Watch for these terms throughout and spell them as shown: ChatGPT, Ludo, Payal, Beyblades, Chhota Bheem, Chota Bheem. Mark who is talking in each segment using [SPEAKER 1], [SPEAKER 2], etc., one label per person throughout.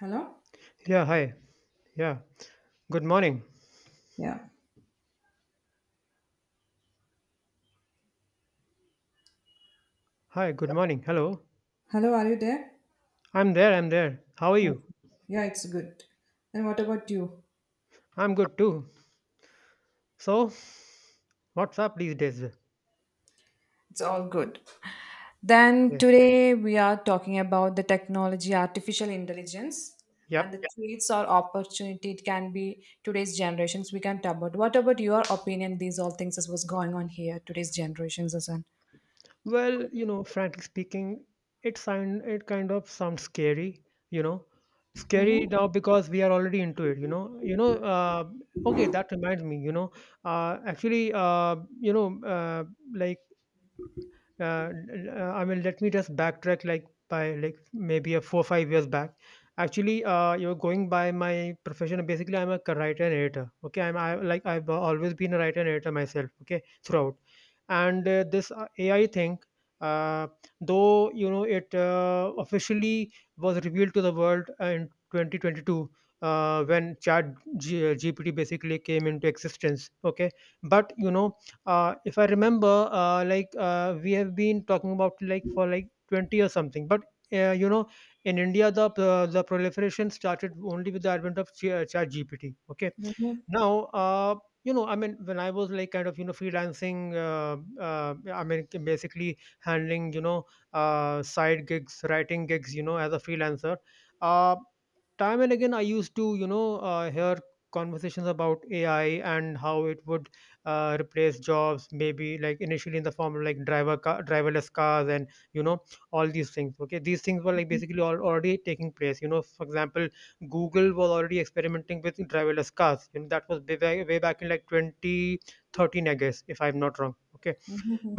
[SPEAKER 1] Hello?
[SPEAKER 2] Yeah, hi. Yeah. Good morning.
[SPEAKER 1] Yeah.
[SPEAKER 2] Hi, good morning. Hello.
[SPEAKER 1] Hello, are you there?
[SPEAKER 2] I'm there, I'm there. How are
[SPEAKER 1] Okay.
[SPEAKER 2] you?
[SPEAKER 1] Yeah, it's good. And what about you?
[SPEAKER 2] I'm good too. So, what's up these days?
[SPEAKER 1] It's all good. Then
[SPEAKER 2] Yeah.
[SPEAKER 1] today we are talking about the technology, artificial intelligence, and the
[SPEAKER 2] Yep.
[SPEAKER 1] Yeah. traits or opportunity it can be today's generations. We can talk about. What about your opinion? These all things is what's going on here today's generations, as Asan.
[SPEAKER 2] Well, you know, frankly speaking, it kind of sounds scary, you know. Scary
[SPEAKER 1] Mm-hmm.
[SPEAKER 2] now because we are already into it, you know. Okay, that reminds me, actually like uh, I mean, let me just backtrack like by like maybe a 4 or 5 years back. Actually, you're going by my profession. Basically, I'm a writer and editor. Okay, like I've always been a writer and editor myself. Okay, throughout, and this AI thing, uh, though you know it officially was revealed to the world in 2022, when Chat GPT basically came into existence. Okay, but you know, if I remember, we have been talking about like for like 20 or something. But you know, in India, the proliferation started only with the advent of ChatGPT. Okay,
[SPEAKER 1] Mm-hmm.
[SPEAKER 2] now, you know, I mean, when I was like kind of you know freelancing, I mean, basically handling you know side gigs, writing gigs, you know, as a freelancer. Uh, time and again, I used to you know hear conversations about AI and how it would replace jobs maybe like initially in the form of like driverless cars and you know all these things. Okay, these things were like basically all already taking place, you know. For example, Google was already experimenting with driverless cars, you know. That was way, way back in like 2013, I guess, if I'm not wrong. Okay,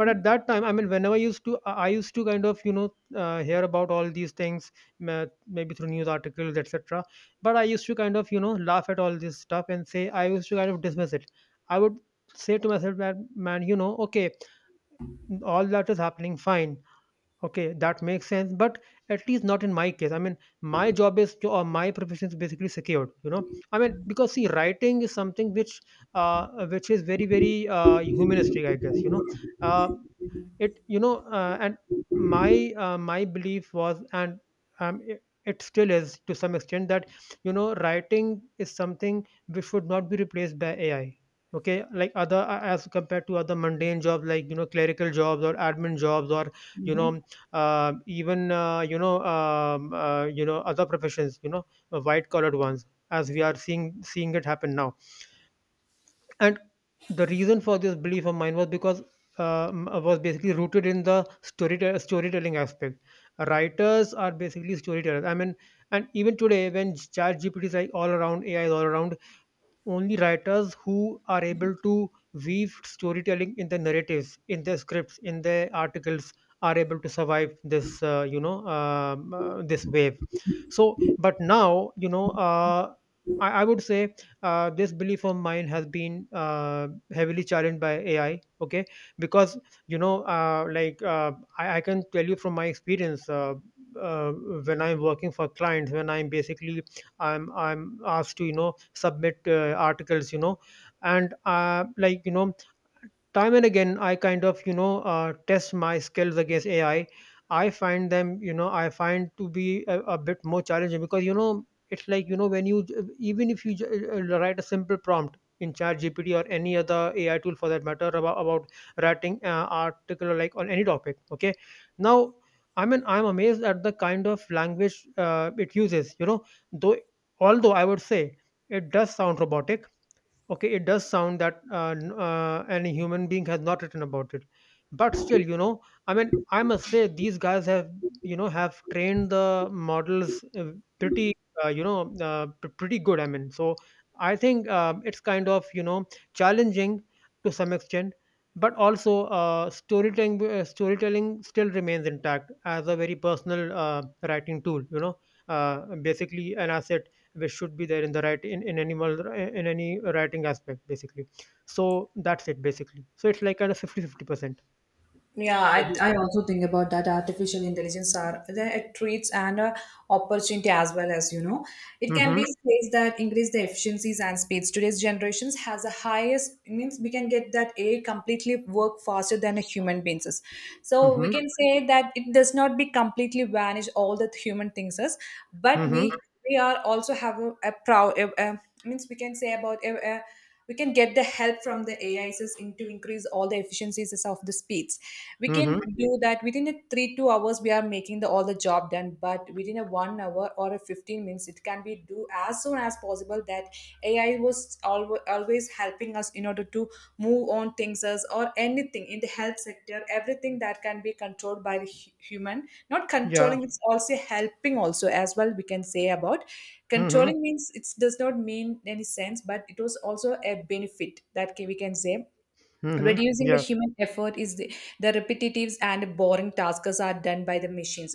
[SPEAKER 2] but at that time, I mean, whenever I used to kind of you know hear about all these things, ma- maybe through news articles, etc., but I used to kind of you know laugh at all this stuff and say, I used to kind of dismiss it. I would say to myself that, man, you know, okay, all that is happening, fine. Okay, that makes sense, but at least not in my case. I mean, my job is to, or my profession is basically secured, you know. I mean, because, see, writing is something uh, which is very very humanistic, I guess, you know. Uh, it you know uh, and my my belief was, and it still is to some extent, that, you know, writing is something which should not be replaced by AI. Okay, like other as compared to other mundane jobs, like, you know, clerical jobs or admin jobs, or you
[SPEAKER 1] Mm-hmm.
[SPEAKER 2] know, even you know, you know, other professions, you know, white collared ones, as we are seeing it happen now. And the reason for this belief of mine was because was basically rooted in the storytelling aspect. Writers are basically storytellers. I mean, and even today, when Chat GPT is like all around, AI is all around, only writers who are able to weave storytelling in their narratives, in their scripts, in their articles are able to survive this you know, this wave. So, but now, you know, I would say, this belief of mine has been heavily challenged by AI. Okay, because, you know, I can tell you from my experience. When I'm working for clients, when I'm basically I'm asked to, you know, submit articles, you know, and like, you know, time and again I kind of, you know, test my skills against AI. I find them, you know, I find to be a bit more challenging because, you know, it's like, you know, when you even if you write a simple prompt in chat gpt or any other AI tool for that matter about writing article or like on any topic. Okay, now, I mean, I'm amazed at the kind of language it uses, you know, though, although I would say, it does sound robotic. Okay, it does sound that any human being has not written about it, but still, you know, I mean, I must say these guys have, you know, have trained the models pretty you know pretty good, I mean. So I think it's kind of, you know, challenging to some extent, but also storytelling still remains intact as a very personal writing tool, you know, uh, basically an asset, which should be there in the right in animal in any writing aspect basically. So that's it basically, so it's like kind of 50-50 percent.
[SPEAKER 1] Yeah, I,
[SPEAKER 2] Mm-hmm.
[SPEAKER 1] I also think about that artificial intelligence are the it treats and opportunity as well as you know it can be space that increase the efficiencies and speeds. Today's generations has the highest means we can get that AI completely work faster than a human beings. So we
[SPEAKER 2] Mm-hmm.
[SPEAKER 1] can say that it does not be completely vanish all the human things is, but we
[SPEAKER 2] Mm-hmm.
[SPEAKER 1] we are also have a proud a- means we can say about a we can get the help from the ais in to increase all the efficiencies of the speeds. We can
[SPEAKER 2] Mm-hmm.
[SPEAKER 1] do that within a 3 2 hours we are making the all the job done, but within a 1 hour or a 15 minutes it can be do as soon as possible that ai was always helping us in order to move on things as, or anything in the health sector. Everything that can be controlled by the human, not
[SPEAKER 2] Yeah.
[SPEAKER 1] controlling, it's also helping also as well we can say about.
[SPEAKER 2] Mm-hmm.
[SPEAKER 1] Controlling means it does not mean any sense, but it was also a benefit that can, we can say.
[SPEAKER 2] Mm-hmm.
[SPEAKER 1] Reducing the
[SPEAKER 2] Yeah.
[SPEAKER 1] human effort is the repetitive and boring tasks are done by the machines.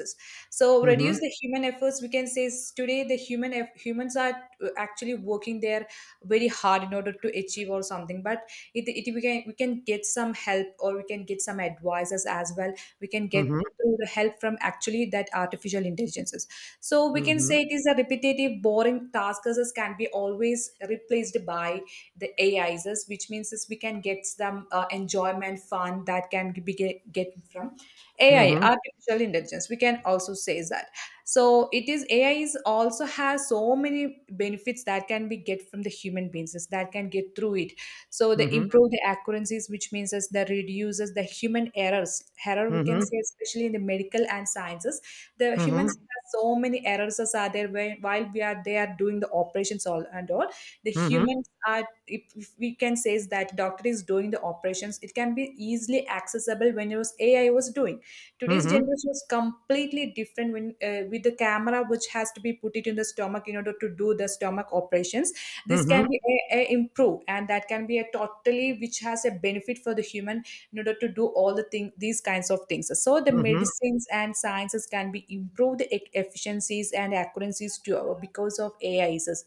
[SPEAKER 1] So reduce
[SPEAKER 2] mm-hmm
[SPEAKER 1] the human efforts. We can say is today the human humans are actually working there very hard in order to achieve or something. But it we can get some help, or we can get some advisors as well. We can get
[SPEAKER 2] mm-hmm.
[SPEAKER 1] through the help from actually that artificial intelligences. So we can
[SPEAKER 2] Mm-hmm.
[SPEAKER 1] say it is a repetitive boring tasks as can be always replaced by the ais, as which means is we can get some enjoyment fun that can be get from ai artificial intelligence, we can also say that. So it is ai is also has so many benefits that can be get from the human beings is that can get through it. So they
[SPEAKER 2] Mm-hmm.
[SPEAKER 1] improve the accuracies, which means as that reduces the human errors error we can
[SPEAKER 2] Mm-hmm.
[SPEAKER 1] say, especially in the medical and sciences. The humans
[SPEAKER 2] Mm-hmm.
[SPEAKER 1] have so many errors as are there when, while we are they are doing the operations all and all. The
[SPEAKER 2] Mm-hmm.
[SPEAKER 1] humans are, if we can say is that doctor is doing the operations, it can be easily accessible when it was ai was doing. Today's
[SPEAKER 2] Mm-hmm.
[SPEAKER 1] generation is completely different when with the camera which has to be put it in the stomach in order to do the stomach operations. This can
[SPEAKER 2] Mm-hmm.
[SPEAKER 1] be a improve and that can be a totally which has a benefit for the human in order to do all the thing these kinds of things. So the medicines and sciences can be improved efficiencies and accuracies to because of AIs.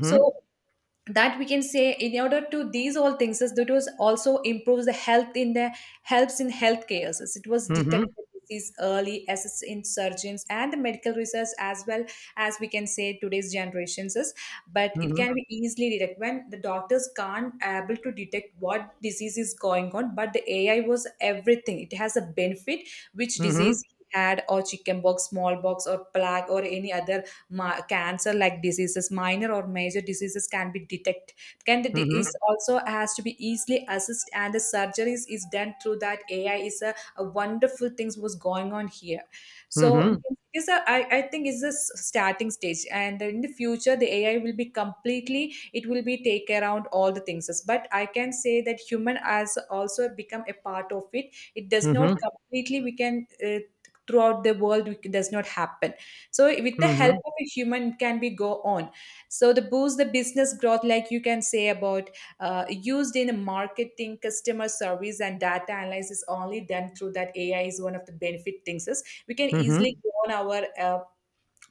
[SPEAKER 1] So that we can say in order to these all things is that was also improves the health in the helps in healthcare, as it was
[SPEAKER 2] Mm-hmm.
[SPEAKER 1] detected disease early, assists in surgeons and the medical research as well, as we can say today's generations is, but it
[SPEAKER 2] Mm-hmm.
[SPEAKER 1] can be easily detected when the doctors can't able to detect what disease is going on, but the ai was everything, it has a benefit which
[SPEAKER 2] Mm-hmm.
[SPEAKER 1] disease he
[SPEAKER 2] Mm-hmm.
[SPEAKER 1] had, or chickenpox, smallpox or plague, or any other my, cancer like diseases, minor or major diseases can be detected. Can the
[SPEAKER 2] Mm-hmm.
[SPEAKER 1] is also has to be easily assessed, and the surgeries is done through that ai is a wonderful things was going on here. So
[SPEAKER 2] Mm-hmm.
[SPEAKER 1] it's a, I think it's a starting stage, and in the future the ai will be completely it will be take around all the things, but I can say that human has also become a part of it, it does
[SPEAKER 2] Mm-hmm.
[SPEAKER 1] not
[SPEAKER 2] Mm-hmm.
[SPEAKER 1] completely we can throughout the world it does not happen. So with the
[SPEAKER 2] Mm-hmm.
[SPEAKER 1] help of a human it can be go on. So the boost the business growth like you can say about, used in marketing, customer service and data analysis only done through that ai is one of the benefit things is. We can easily go on our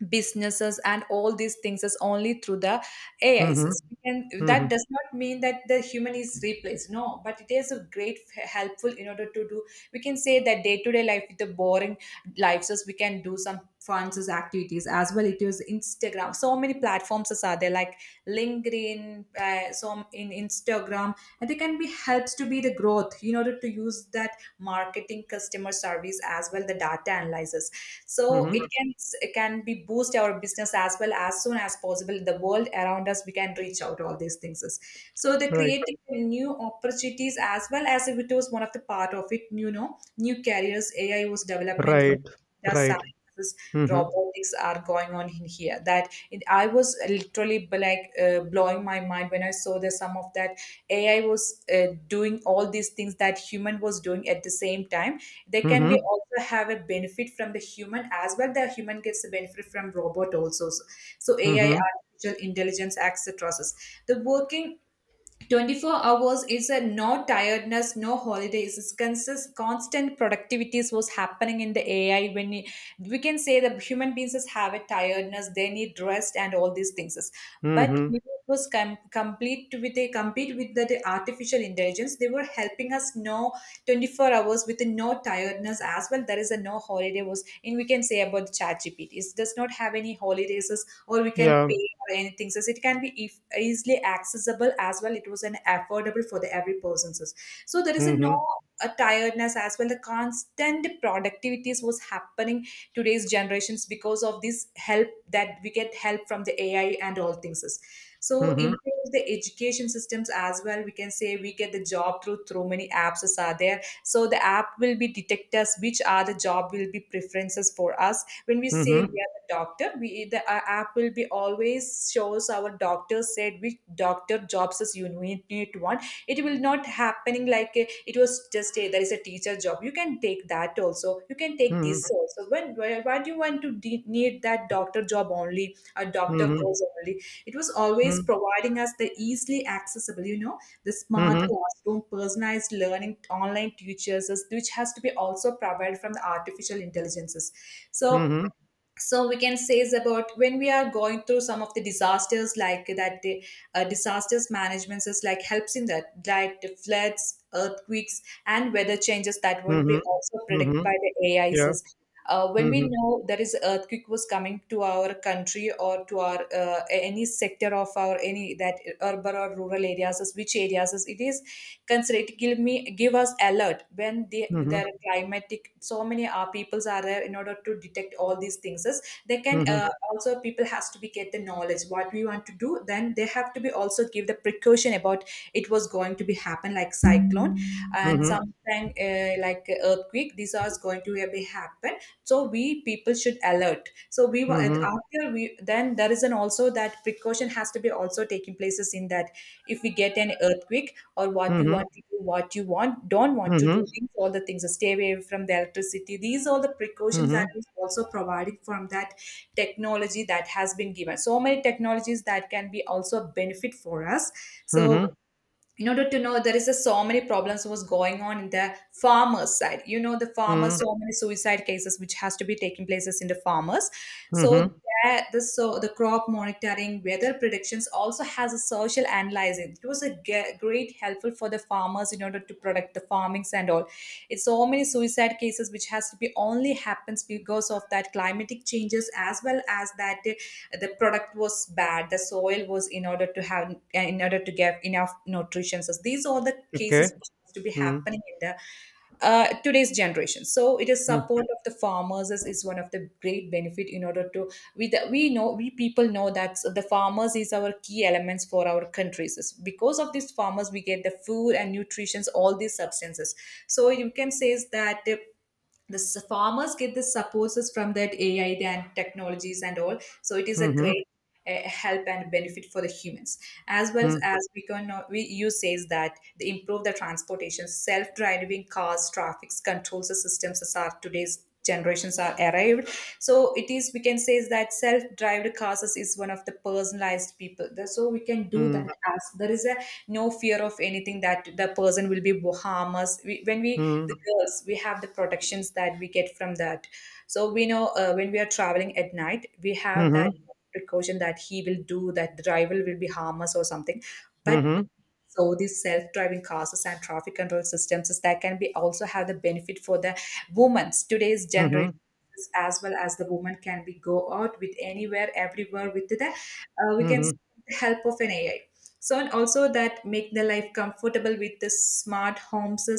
[SPEAKER 1] businesses and all these things is only through the
[SPEAKER 2] Mm-hmm.
[SPEAKER 1] AIs. We can, that
[SPEAKER 2] Mm-hmm.
[SPEAKER 1] does not mean that the human is replaced. No, but it is a great helpful in order to do. We can say that day to day life with the boring lives, as we can do some fun as activities as well. It is Instagram. So many platforms as are there like LinkedIn, some in Instagram, and they can be helps to be the growth in order to use that marketing, customer service as well the data analysis. So
[SPEAKER 2] Mm-hmm.
[SPEAKER 1] it can be boost our business as well as soon as possible the world around us we can reach out all these things. So they're
[SPEAKER 2] Right.
[SPEAKER 1] creating new opportunities as well, as if it was one of the part of it you know new careers ai was development in
[SPEAKER 2] Right,
[SPEAKER 1] data
[SPEAKER 2] right.
[SPEAKER 1] sciences,
[SPEAKER 2] Mm-hmm.
[SPEAKER 1] robotics are going on in here that it, I was literally blowing my mind when I saw the some of that ai was doing all these things that human was doing at the same time. They can be
[SPEAKER 2] Mm-hmm.
[SPEAKER 1] also have a benefit from the human as well, the human gets a benefit from robot also, so so ai
[SPEAKER 2] Mm-hmm.
[SPEAKER 1] artificial intelligence acts the process, the working 24 hours is a no tiredness, no holidays. It's constant productivities was happening in the AI when we can say that human beings just have a tiredness, they need rest and all these things. But
[SPEAKER 2] Mm-hmm.
[SPEAKER 1] when it was complete with a compete with the artificial intelligence. They were helping us know 24 hours with no tiredness as well. There is a no holiday was, and we can say about the chat GPT. It does not have any holidays, or we can
[SPEAKER 2] Yeah.
[SPEAKER 1] pay for anything so it can be if easily accessible as well, it was an affordable for the every person. So there is a no
[SPEAKER 2] Mm-hmm.
[SPEAKER 1] a tiredness as well, the constant productivities was happening today's generations because of this help that we get help from the ai and all things. So
[SPEAKER 2] Mm-hmm.
[SPEAKER 1] improve the education systems as well, we can say we get the job through through many apps are there, so the app will be detect us which are the job will be preferences for us. When we say
[SPEAKER 2] Mm-hmm.
[SPEAKER 1] we are the doctor, we the app will be always shows our doctor said which doctor jobs is you need one. It will not happening like it was just a there is a teacher job you can take that also you can take this
[SPEAKER 2] Mm-hmm.
[SPEAKER 1] also, when why do you want to need that doctor job only, a doctor
[SPEAKER 2] Mm-hmm.
[SPEAKER 1] course only, it was always providing us the easily accessible you know the smart
[SPEAKER 2] Mm-hmm.
[SPEAKER 1] classroom, personalized learning, online teachers which has to be also provided from the artificial intelligences. So
[SPEAKER 2] Mm-hmm.
[SPEAKER 1] so we can say is about when we are going through some of the disasters like that the disasters management is like helps in that, like the floods, earthquakes and weather changes that won't be
[SPEAKER 2] Mm-hmm.
[SPEAKER 1] also predicted
[SPEAKER 2] Mm-hmm.
[SPEAKER 1] by the
[SPEAKER 2] Yeah.
[SPEAKER 1] ais. When we
[SPEAKER 2] Mm-hmm.
[SPEAKER 1] know there is earthquake was coming to our country, or to our any sector of our any that urban or rural areas is which areas is it is consider, it give us alert when they
[SPEAKER 2] Mm-hmm.
[SPEAKER 1] there are climatic, so many peoples are there in order to detect all these things is. They can
[SPEAKER 2] Mm-hmm.
[SPEAKER 1] also people has to be get the knowledge what we want to do, then they have to be also give the precaution about it was going to be happen like cyclone and
[SPEAKER 2] Mm-hmm.
[SPEAKER 1] something like earthquake, these are going to be happen. So we people should alert. So and
[SPEAKER 2] Mm-hmm.
[SPEAKER 1] after we then there is an also that precaution has to be also taking places in that. If we get an earthquake, or what you want to do, what you want don't want to do
[SPEAKER 2] Mm-hmm.
[SPEAKER 1] things, all the things, stay away from the electricity, these are the precautions that is also provided from that technology that has been given, so many technologies that can be also a benefit for us.
[SPEAKER 2] Mm-hmm.
[SPEAKER 1] So
[SPEAKER 2] Mm-hmm.
[SPEAKER 1] in order to know there is a, so many problems was going on in the farmers side you know, the
[SPEAKER 2] Mm-hmm.
[SPEAKER 1] farmers
[SPEAKER 2] Mm-hmm.
[SPEAKER 1] so many suicide cases which has to be taking places in the farmers. So
[SPEAKER 2] Mm-hmm.
[SPEAKER 1] that the so the crop monitoring, weather predictions also has a social analyzing. It was a great helpful for the farmers in order to protect the farmings and all. It's so many suicide cases which has to be only happens because of that climatic changes as well as that the product was bad, the soil was in order to have in order to get enough nutrition. So these are the cases
[SPEAKER 2] Okay.
[SPEAKER 1] which has to be
[SPEAKER 2] Mm-hmm.
[SPEAKER 1] happening in the today's generation. So it is support of the farmers is one of the great benefit in order to we know we people know that the farmers is our key elements for our countries. It's because of these farmers we get the food and nutritions, all these substances. So you can say is that the farmers get the supports from that AI and technologies and all. So it is a
[SPEAKER 2] Mm-hmm.
[SPEAKER 1] great help and benefit for the humans as well
[SPEAKER 2] Mm-hmm.
[SPEAKER 1] as we you says that they improve the transportation, self-driving cars, traffic controls the systems as are today's generations are arrived. So it is we can say is that self-driven classes is one of the personalized people. So we can do that, as there is a no fear of anything that the person will be harm us when we
[SPEAKER 2] Mm-hmm.
[SPEAKER 1] the girls, we have the protections that we get from that. So we know when we are traveling at night, we have that
[SPEAKER 2] Mm-hmm.
[SPEAKER 1] precaution that he will do that the driver will be harm us or something. But
[SPEAKER 2] Mm-hmm.
[SPEAKER 1] so these self-driving cars and traffic control systems is that can be also have the benefit for the women's today's
[SPEAKER 2] Mm-hmm.
[SPEAKER 1] generation, as well as the woman can be go out with anywhere, everywhere with the help of an ai. So and also that make the life comfortable with the smart homes,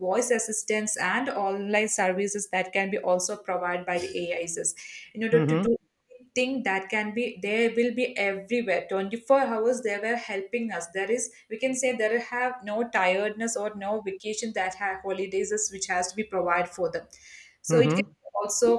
[SPEAKER 1] voice assistants and online services that can be also provided by the ais, in order to
[SPEAKER 2] Mm-hmm.
[SPEAKER 1] do thing that can be there will be everywhere 24 hours. They were helping us. There is we can say there have no tiredness or no vacation that have holidays is which has to be provided for them. So it can
[SPEAKER 2] Mm-hmm.
[SPEAKER 1] also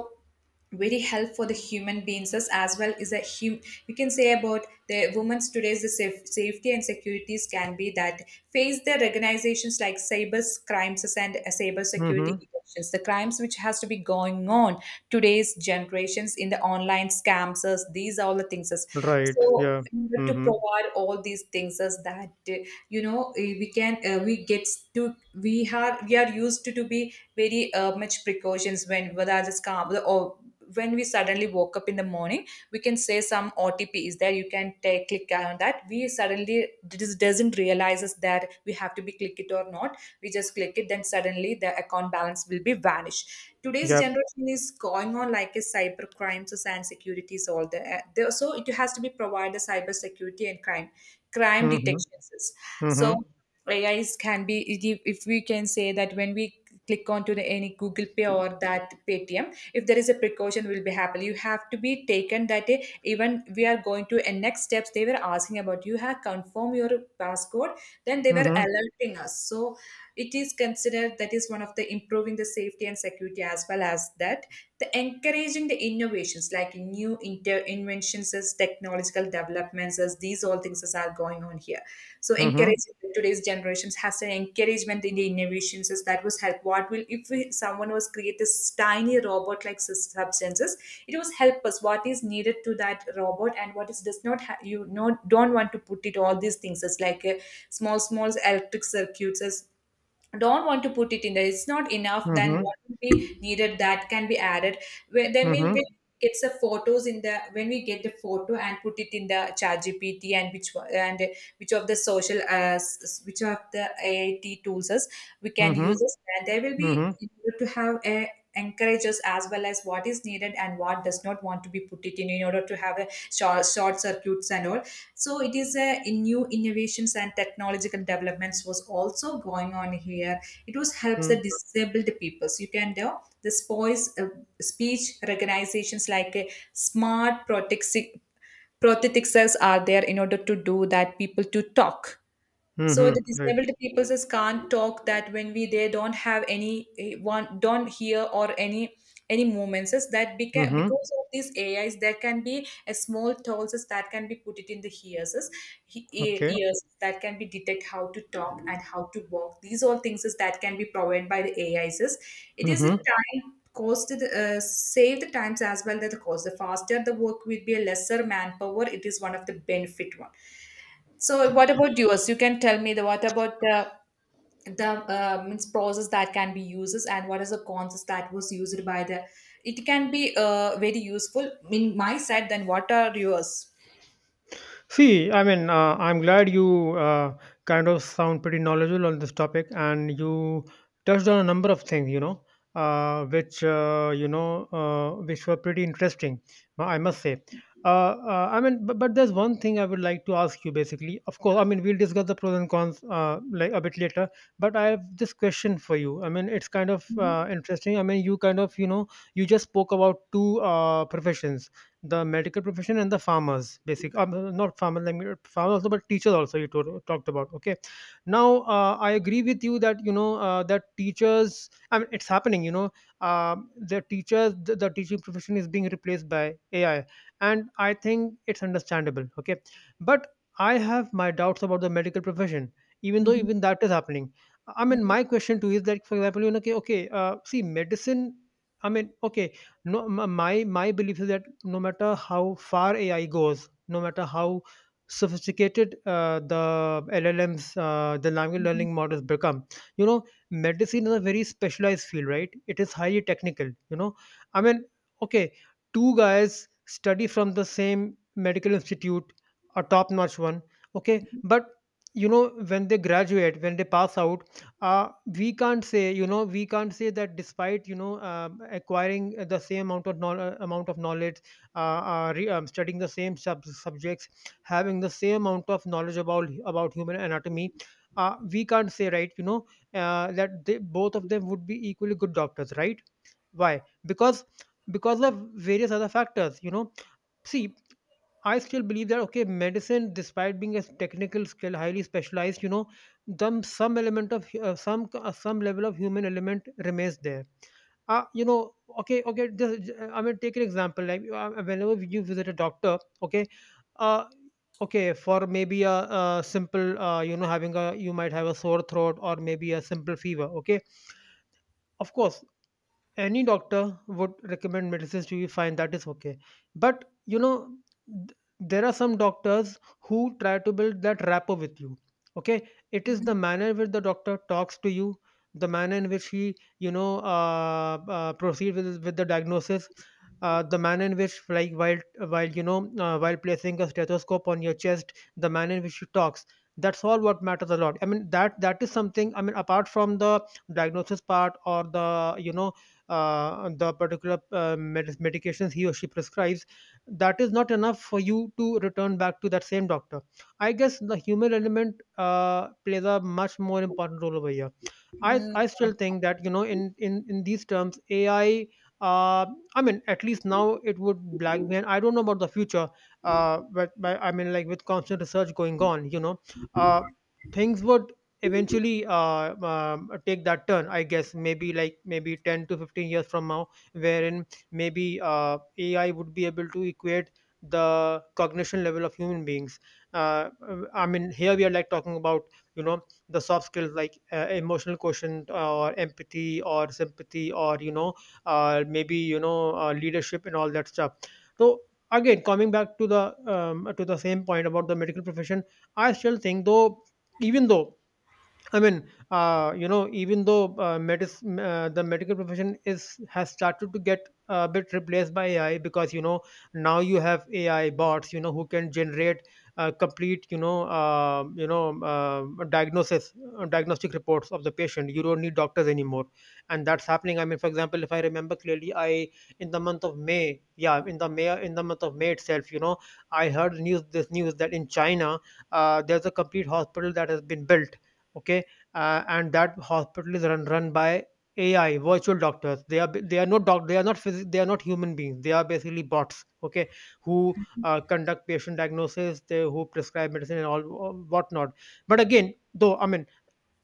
[SPEAKER 1] very help for the human beings as well is a hum. We can say about the women's today's the safety and securities can be that face the organizations like cyber crimes and cyber security
[SPEAKER 2] Mm-hmm.
[SPEAKER 1] issues, the crimes which has to be going on today's generations in the online scams as these are all the things as.
[SPEAKER 2] Right,
[SPEAKER 1] So
[SPEAKER 2] yeah.
[SPEAKER 1] in order to
[SPEAKER 2] Mm-hmm.
[SPEAKER 1] provide all these things as that we can we get to, we are used to be very much precautions when whether the scam, or when we suddenly woke up in the morning, we can say some otp is there. You can click on that. We suddenly just doesn't realizes that we have to be click it or not. We just click it, then suddenly the account balance will be vanished. Today's
[SPEAKER 2] Yep.
[SPEAKER 1] generation is going on like a cyber crimes and securities all there. So it has to be provided cyber security and crime
[SPEAKER 2] Mm-hmm.
[SPEAKER 1] detections. So
[SPEAKER 2] Mm-hmm.
[SPEAKER 1] AIs can be, if we can say that when we click onto the any Google Pay or that Paytm, if there is a precaution will be happen, you have to be taken that day. Even we are going to and next steps, they were asking about you have confirmed your passcode, then they were
[SPEAKER 2] Mm-hmm.
[SPEAKER 1] alerting us. So it is considered that is one of the improving the safety and security, as well as that the encouraging the innovations like new inventions as technological developments, as these all things as are going on here. So
[SPEAKER 2] Mm-hmm.
[SPEAKER 1] encouraging today's generations has an encouragement in the innovations is that was help. What will if we, someone was create this tiny robot like substances, it was help us what is needed to that robot and what is does not ha- you know don't want to put it, all these things as like a small small electric circuits as don't want to put it in there, it's not enough, then
[SPEAKER 2] Mm-hmm.
[SPEAKER 1] what will be needed that can be added. Then when
[SPEAKER 2] Mm-hmm.
[SPEAKER 1] we get the photos in the, when we get the photo and put it in the chat gpt, and and which of the social which of the ait tools is, we can use
[SPEAKER 2] Mm-hmm.
[SPEAKER 1] this, and there will be
[SPEAKER 2] Mm-hmm.
[SPEAKER 1] in order to have a encourages, as well as what is needed and what does not want to be put it in order to have a short circuits and all. So it is a in new innovations and technological developments was also going on here. It was helps
[SPEAKER 2] Mm-hmm.
[SPEAKER 1] the disabled peoples. You can do this voice speech recognizations like a smart prothetics are there in order to do that people to talk. So the
[SPEAKER 2] Mm-hmm. Right.
[SPEAKER 1] disabled people just can't talk, that when we they don't have any one don't hear or any movements. Just that
[SPEAKER 2] Mm-hmm.
[SPEAKER 1] because of these AIs, there can be a small tolls that can be put it in the ears, just
[SPEAKER 2] Okay.
[SPEAKER 1] ears that can be detect how to talk and how to walk, these all things is that can be provided by the AIs just. It is a
[SPEAKER 2] Mm-hmm.
[SPEAKER 1] time cost to the, save the times as well, that the cost, the faster the work will be, a lesser manpower. It is one of the benefit one. So what about yours? You can tell me the what about the means process that can be uses and what is the concepts that was used by the, it can be very useful in my side, then what are yours?
[SPEAKER 2] See, I mean, I'm glad you kind of sound pretty knowledgeable on this topic, and you touched on a number of things, you know, which you know, which were pretty interesting, I must say. I mean, but there's one thing I would like to ask you. Basically, of course, I mean, we'll discuss the pros and cons like a bit later. But I have this question for you. I mean, it's kind of interesting. I mean, you kind of, you know, you just spoke about two professions, the medical profession and the farmers basic, not farmers like farmers also, but teachers also you talked about. Okay, now, I agree with you that you know, that teachers, I mean, it's happening, you know, the teachers, the teaching profession is being replaced by AI, and I think it's understandable. Okay, but I have my doubts about the medical profession, even though
[SPEAKER 1] Mhm,
[SPEAKER 2] even that is happening. I mean,
[SPEAKER 1] mhm,
[SPEAKER 2] my question to you is that for example, you know, okay, see, medicine, I mean, okay, no m- my belief is that no matter how far AI goes, no matter how sophisticated the LLMs, the language
[SPEAKER 1] mhm,
[SPEAKER 2] learning models, become, you know, medicine is a very specialized field, right? It is highly technical, you know. I mean, okay, two guys study from the same medical institute, a top notch one, okay,
[SPEAKER 1] mhm,
[SPEAKER 2] but you know, when they graduate, when they pass out, uh, we can't say, you know, we can't say that despite, you know, acquiring the same amount of knowledge, amount of knowledge, studying the same subjects, having the same amount of knowledge about human anatomy, we can't say, right, you know, that they, both of them would be equally good doctors, right? Why? because because of various other factors, you know. See, I still believe that, okay, medicine, despite being a technical skill, highly specialized, you know, them some element of some level of human element remains there. You know, okay. I mean, take an example. Like, whenever you visit a doctor, okay, uh, okay, for maybe a simple, you know, having a you might have a sore throat or maybe a simple fever. Okay, of course, any doctor would recommend medicines to you, fine, that is okay, but you know, there are some doctors who try to build that rapport with you. Okay, it is the
[SPEAKER 1] mhm,
[SPEAKER 2] manner in which the doctor talks to you, the manner in which he, you know, proceed with the diagnosis, the manner in which like while you know, while placing a stethoscope on your chest, the manner in which he talks, that's all what matters a lot. I mean, that, that is something, I mean, apart from the diagnosis part or the, you know, the particular medications he or she prescribes, that is not enough for you to return back to that same doctor. I guess the human element plays a much more important role over here. I,
[SPEAKER 1] mhm.
[SPEAKER 2] I still think that you know in these terms, AI uh, I mean at least now it would black me, and I don't know about the future. But I mean, like, with constant research going on, you know, uh, things would eventually take that turn. I guess maybe, like, maybe 10 to 15 years from now, wherein maybe AI would be able to equate the cognition level of human beings. uh, I mean, here we are, like, talking about, you know, the soft skills, like emotional quotient or empathy or sympathy, or you know maybe you know leadership and all that stuff. So, again, coming back to the same point about the medical profession. I still think, though, even though I mean, you know, even though medicine, the medical profession is has started to get a bit replaced by AI, because, you know, now you have AI bots, you know, who can generate complete, diagnostic reports of the patient. You don't need doctors anymore, and that's happening. I mean, for example, if I remember clearly, I in the month of May, yeah, in the month of May itself, you know, I heard news this news that in China, there's a complete hospital that has been built. Okay. And that hospital is run by AI virtual doctors. They are not human beings. They are basically bots. Okay. Who conduct patient diagnosis, they who prescribe medicine and all whatnot. But again, though, I mean,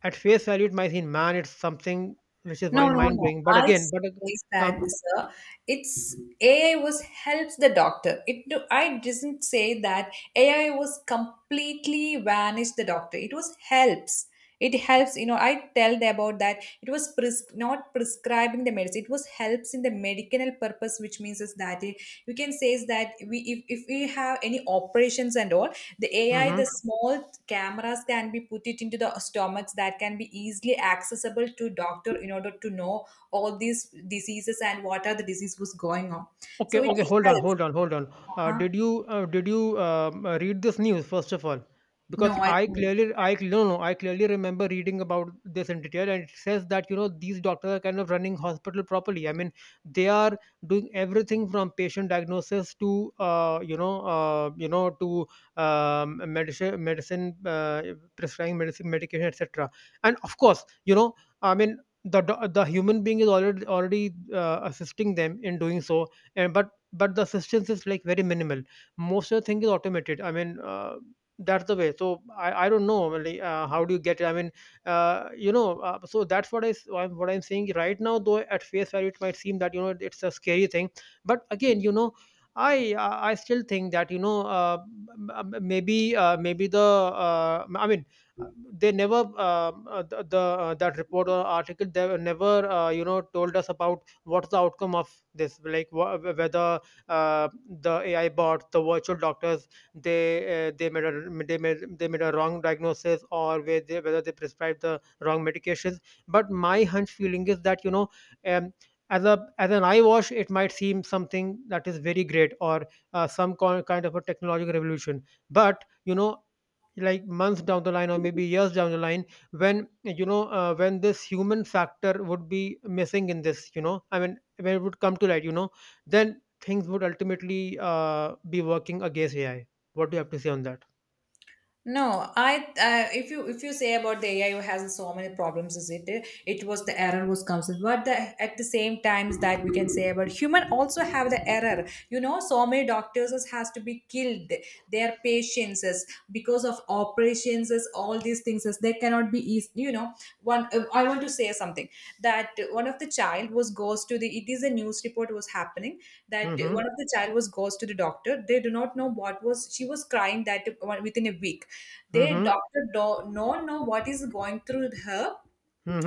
[SPEAKER 2] at face value, it might seem, man, it's something which is
[SPEAKER 1] No,
[SPEAKER 2] mind
[SPEAKER 1] no,
[SPEAKER 2] mind
[SPEAKER 1] no.
[SPEAKER 2] blowing. But
[SPEAKER 1] I
[SPEAKER 2] again, but
[SPEAKER 1] say that,
[SPEAKER 2] um,
[SPEAKER 1] sir. It's AI was helps the doctor. It do, I didn't say that AI was completely vanished the doctor. It was helps. It helps. You know, I tell them about that. It was not prescribing the medicine. It was helps in the medicinal purpose, which means is that it, you can say is that we if we have any operations and all, the AI,
[SPEAKER 2] mhm.
[SPEAKER 1] the small cameras can be put it into the stomachs that can be easily accessible to doctor in order to know all these diseases and what are the disease was going on.
[SPEAKER 2] Okay,
[SPEAKER 1] So it
[SPEAKER 2] okay, hold on,
[SPEAKER 1] helps.
[SPEAKER 2] hold on, hold on.
[SPEAKER 1] Uh
[SPEAKER 2] Uh,
[SPEAKER 1] huh?
[SPEAKER 2] did you uh, did you um, uh, read this news, first of all?
[SPEAKER 1] No
[SPEAKER 2] Because
[SPEAKER 1] I
[SPEAKER 2] I
[SPEAKER 1] don't.
[SPEAKER 2] clearly, I no, no, I clearly remember reading about this in detail, and it says that, you know, these doctors are kind of running hospital properly. I mean, they are doing everything from patient diagnosis to to medicine medicine prescribing medicine medication, etc. And of course, you know, I mean, the human being is already assisting them in doing so, and but the assistance is, like, very minimal. Most of the thing is automated. I mean, that's the way. So I don't know, like, how do you get it? I mean, so thats what I s- what I'm saying right now. Though at face value it might seem that, you know, it's a scary thing, but again, you know, i I still think that, you know, maybe the, uh, i mean uh, they never, the that report or article, they were never you know, told us about what's the outcome of this, like whether the AI bots, the virtual doctors, they made a wrong diagnosis, or whether they prescribed the wrong medications. But my hunch feeling is that, you know, um, as an eye wash it might seem something that is very great, or kind of a technological revolution. But, you know, like, months down the line, or maybe years down the line, when, you know, when this human factor would be missing in this, you know, I mean, when it would come to light, you know, then things would ultimately be working against AI. What do you have to say on that?
[SPEAKER 1] No, I if you say about the AI has so many problems, is it? It was the error was comes with. But the, at the same times that we can say about human also have the error. You know, so many doctors has to be killed, their patients is because of operations, is all these things is they cannot be easy, you know. One I want to say something, that one of the child was goes to the, it is a news report was happening, that
[SPEAKER 2] Mm-hmm.
[SPEAKER 1] one of the child was goes to the doctor. They do not know what was she was crying. That within a week, their
[SPEAKER 2] Mm-hmm.
[SPEAKER 1] doctor do not know what is going through her,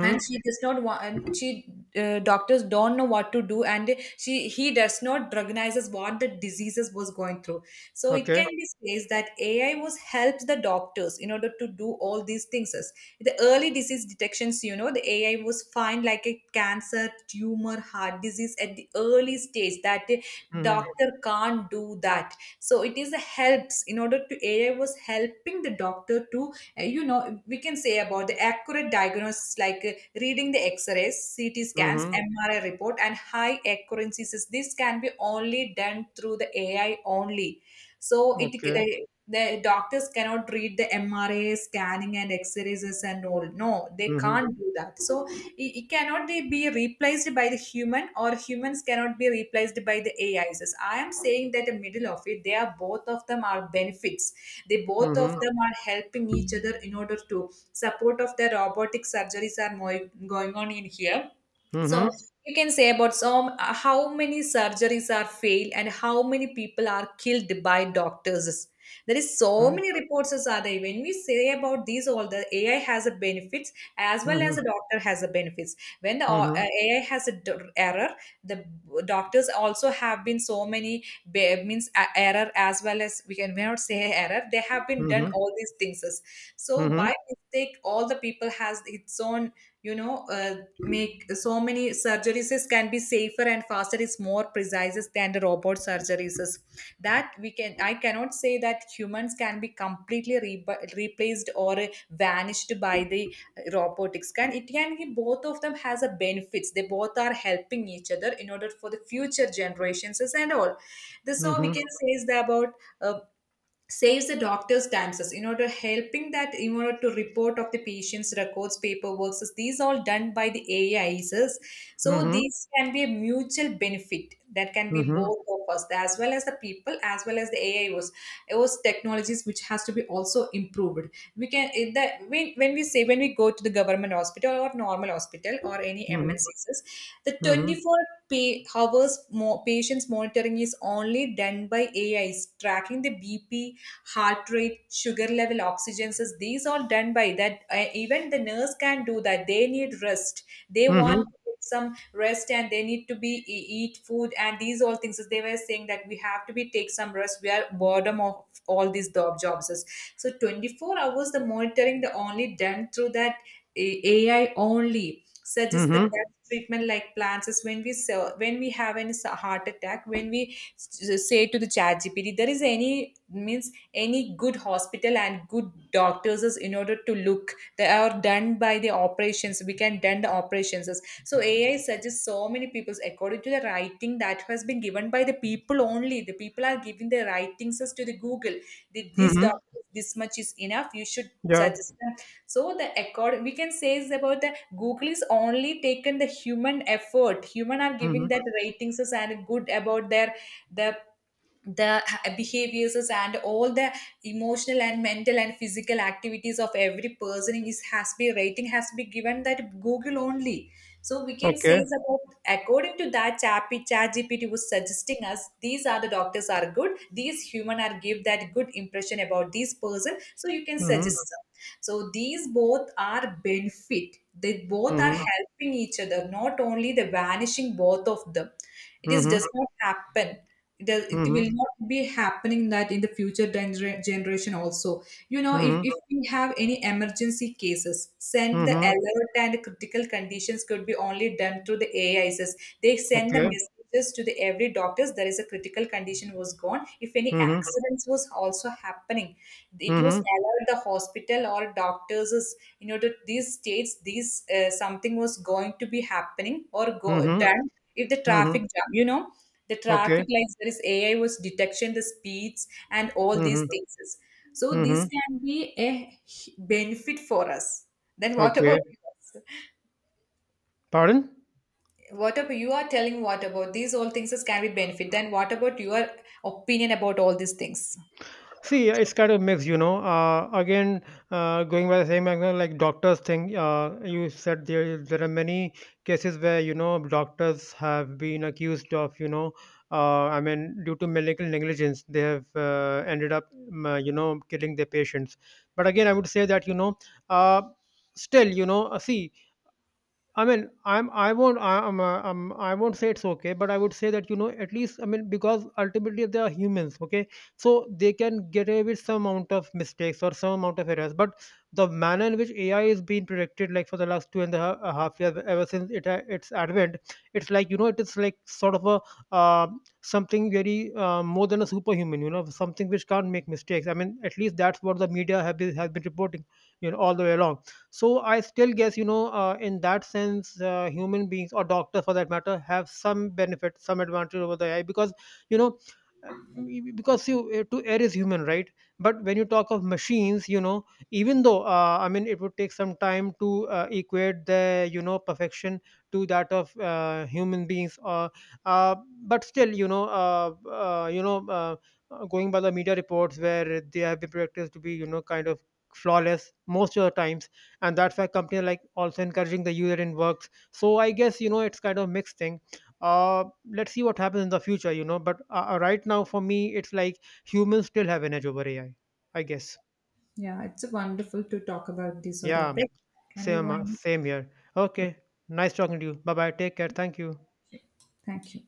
[SPEAKER 1] and she does not want, and she doctors don't know what to do, and she he does not recognizes what the diseases was going through. So it can
[SPEAKER 2] Okay.
[SPEAKER 1] be says that ai was helps the doctors in order to do all these things, the early disease detections. You know, the ai was find like a cancer tumor, heart disease at the early stage, that the
[SPEAKER 2] Mm-hmm.
[SPEAKER 1] doctor can't do that. So it is a helps, in order to ai was helping the doctor to you know, we can say about the accurate diagnosis, like reading the X-rays, CT scans,
[SPEAKER 2] Mm-hmm.
[SPEAKER 1] MRI report, and high accuracies. This can be only done through the AI only. So it,
[SPEAKER 2] Okay.
[SPEAKER 1] the doctors cannot read the MRI scanning and X-rays and all. No, they
[SPEAKER 2] Mm-hmm.
[SPEAKER 1] can't do that. So it cannot they be replaced by the human, or humans cannot be replaced by the AIs. I am saying that the middle of it, they are both of them are benefits. They both of
[SPEAKER 2] Mm-hmm.
[SPEAKER 1] them are helping each other in order to support of the robotic surgeries are more going on in here so
[SPEAKER 2] Mm-hmm.
[SPEAKER 1] you can say about so how many surgeries are failed and how many people are killed by doctors. There is so many reports as are there when we say about these all the ai has a benefits as well as a
[SPEAKER 2] Mm-hmm.
[SPEAKER 1] doctor has a benefits. When the
[SPEAKER 2] Mm-hmm.
[SPEAKER 1] ai has a error, the doctors also have been so many means error, as well as we can we cannot say error, they have been done
[SPEAKER 2] Mm-hmm.
[SPEAKER 1] all these things. So
[SPEAKER 2] Mm-hmm.
[SPEAKER 1] by mistake all the people has its own make so many surgeries can be safer and faster is more precise than the robot surgeries is. That we can I cannot say that humans can be completely replaced or vanished by the robotics. Can it can be both of them has a benefits, they both are helping each other in order for the future generations is and all this. So we
[SPEAKER 2] Mm-hmm.
[SPEAKER 1] can say is that about uh, saves the doctor's times as in order helping that in order to report of the patient's records paperwork, so these all done by the ais.
[SPEAKER 2] Mm-hmm.
[SPEAKER 1] So
[SPEAKER 2] Mm-hmm.
[SPEAKER 1] these can be a mutual benefit that can be
[SPEAKER 2] Mm-hmm.
[SPEAKER 1] both of us as well as the people as well as the AIs. Those technologies which has to be also improved, we can the when we say when we go to the government hospital or normal hospital or any mncss the
[SPEAKER 2] Mm-hmm.
[SPEAKER 1] 24 pay hours more patients monitoring is only done by ais tracking the bp, heart rate, sugar level, oxygen, says these all done by that. Even the nurse can do that, they need rest, they
[SPEAKER 2] Mm-hmm.
[SPEAKER 1] want
[SPEAKER 2] Mm-hmm.
[SPEAKER 1] to get some rest and they need to be eat food and these all things. So, they were saying that we have to be take some rest, we are boredom of all these jobs. So 24 hours the monitoring the only done through that. Ai only suggest the
[SPEAKER 2] Mm-hmm.
[SPEAKER 1] best treatment like plans is when we when we have a heart attack, when we say to the chat gpt there is any means any good hospital and good doctors is in order to look they are done by the operations, we can done the operations. So ai suggests so many people's according to the writing that has been given by the people, only the people are giving the writings as to the google. This
[SPEAKER 2] Mm-hmm.
[SPEAKER 1] doctor, this much is enough, you should
[SPEAKER 2] Yeah.
[SPEAKER 1] suggest them. So the accord we can say is about the google is only taken the human effort, human are giving
[SPEAKER 2] Mm-hmm.
[SPEAKER 1] that ratings as and good about their the the behaviors and all the emotional and mental and physical activities of every person is has to be rating has to be given that google only. So we can say
[SPEAKER 2] Okay.
[SPEAKER 1] is about according to that chat gpt was suggesting us these are the doctors are good, these human are give that good impression about this person, so you can
[SPEAKER 2] Mm-hmm.
[SPEAKER 1] suggest. So these both are benefit. They both are
[SPEAKER 2] Mm-hmm.
[SPEAKER 1] helping each other, not only the vanishing both of them. It is
[SPEAKER 2] Mm-hmm.
[SPEAKER 1] does not happen. It, does, it
[SPEAKER 2] Mm-hmm.
[SPEAKER 1] will not be happening that in the future generation also. You know,
[SPEAKER 2] Mm-hmm.
[SPEAKER 1] if we have any emergency cases, send the
[SPEAKER 2] Mm-hmm.
[SPEAKER 1] alert and critical conditions could be only done through the AIs. They send the
[SPEAKER 2] Okay.
[SPEAKER 1] messages to the every doctors, there is a critical condition was gone, if any
[SPEAKER 2] Mm-hmm.
[SPEAKER 1] accidents was also happening it was
[SPEAKER 2] Mm-hmm.
[SPEAKER 1] allowed the hospital or doctors is you know that these states these something was going to be happening or go
[SPEAKER 2] Mhm.
[SPEAKER 1] done, if the traffic
[SPEAKER 2] Mhm.
[SPEAKER 1] jam, you know, the
[SPEAKER 2] Okay.
[SPEAKER 1] traffic lights there is ai was detection the speeds and all these
[SPEAKER 2] Mhm.
[SPEAKER 1] things. So this
[SPEAKER 2] Mhm.
[SPEAKER 1] can be a benefit for us. Then what about
[SPEAKER 2] Okay.
[SPEAKER 1] you?
[SPEAKER 2] Pardon?
[SPEAKER 1] What about you are telling, what about these all things as can be benefit? Then what about your opinion about all these things?
[SPEAKER 2] See, it's kind of mixed, you know. Again, going by the same angle, like doctors thing, you said there are many cases where, you know, doctors have been accused of, you know, I mean, due to medical negligence, they have ended up, you know, killing their patients. But again, I would say that, you know, uh, still, you know, see, I mean, I'm I won't I, I'm, I won't say it's okay, but I would say that, you know, at least, I mean, because ultimately they are humans, okay, so they can get away with some amount of mistakes or some amount of errors. But the manner in which AI is being predicted, like for the last two and a a half years, ever since its advent, it's like, you know, it is like sort of a, uh, something very, more than a superhuman, you know, something which can't make mistakes. I mean, at least that's what the has been reporting, you know, all the way along. So I still guess, you know, in that sense, human beings or doctors for that matter have some benefit, some advantage over the ai, because, you know, uh, because you to err is human, right? But when you talk of machines, you know, even though, I mean, it would take some time to equate the, you know, perfection to that of human beings, uh, but still, you know, going by the media reports where they have been practiced to be, you know, kind of flawless most of the times, and that's why companies like also encouraging the user in works. So I guess, you know, it's kind of mixed thing. uh let's see what happens in the future, you know, but, right now for me it's like humans still have an edge over ai, I guess.
[SPEAKER 1] Yeah, it's wonderful to talk about this sort of
[SPEAKER 2] Yeah.
[SPEAKER 1] topic. Can we
[SPEAKER 2] Same,
[SPEAKER 1] wind?
[SPEAKER 2] same here.
[SPEAKER 1] Okay,
[SPEAKER 2] Okay. Nice talking to you. Bye bye. Take care. Thank you.
[SPEAKER 1] thank you.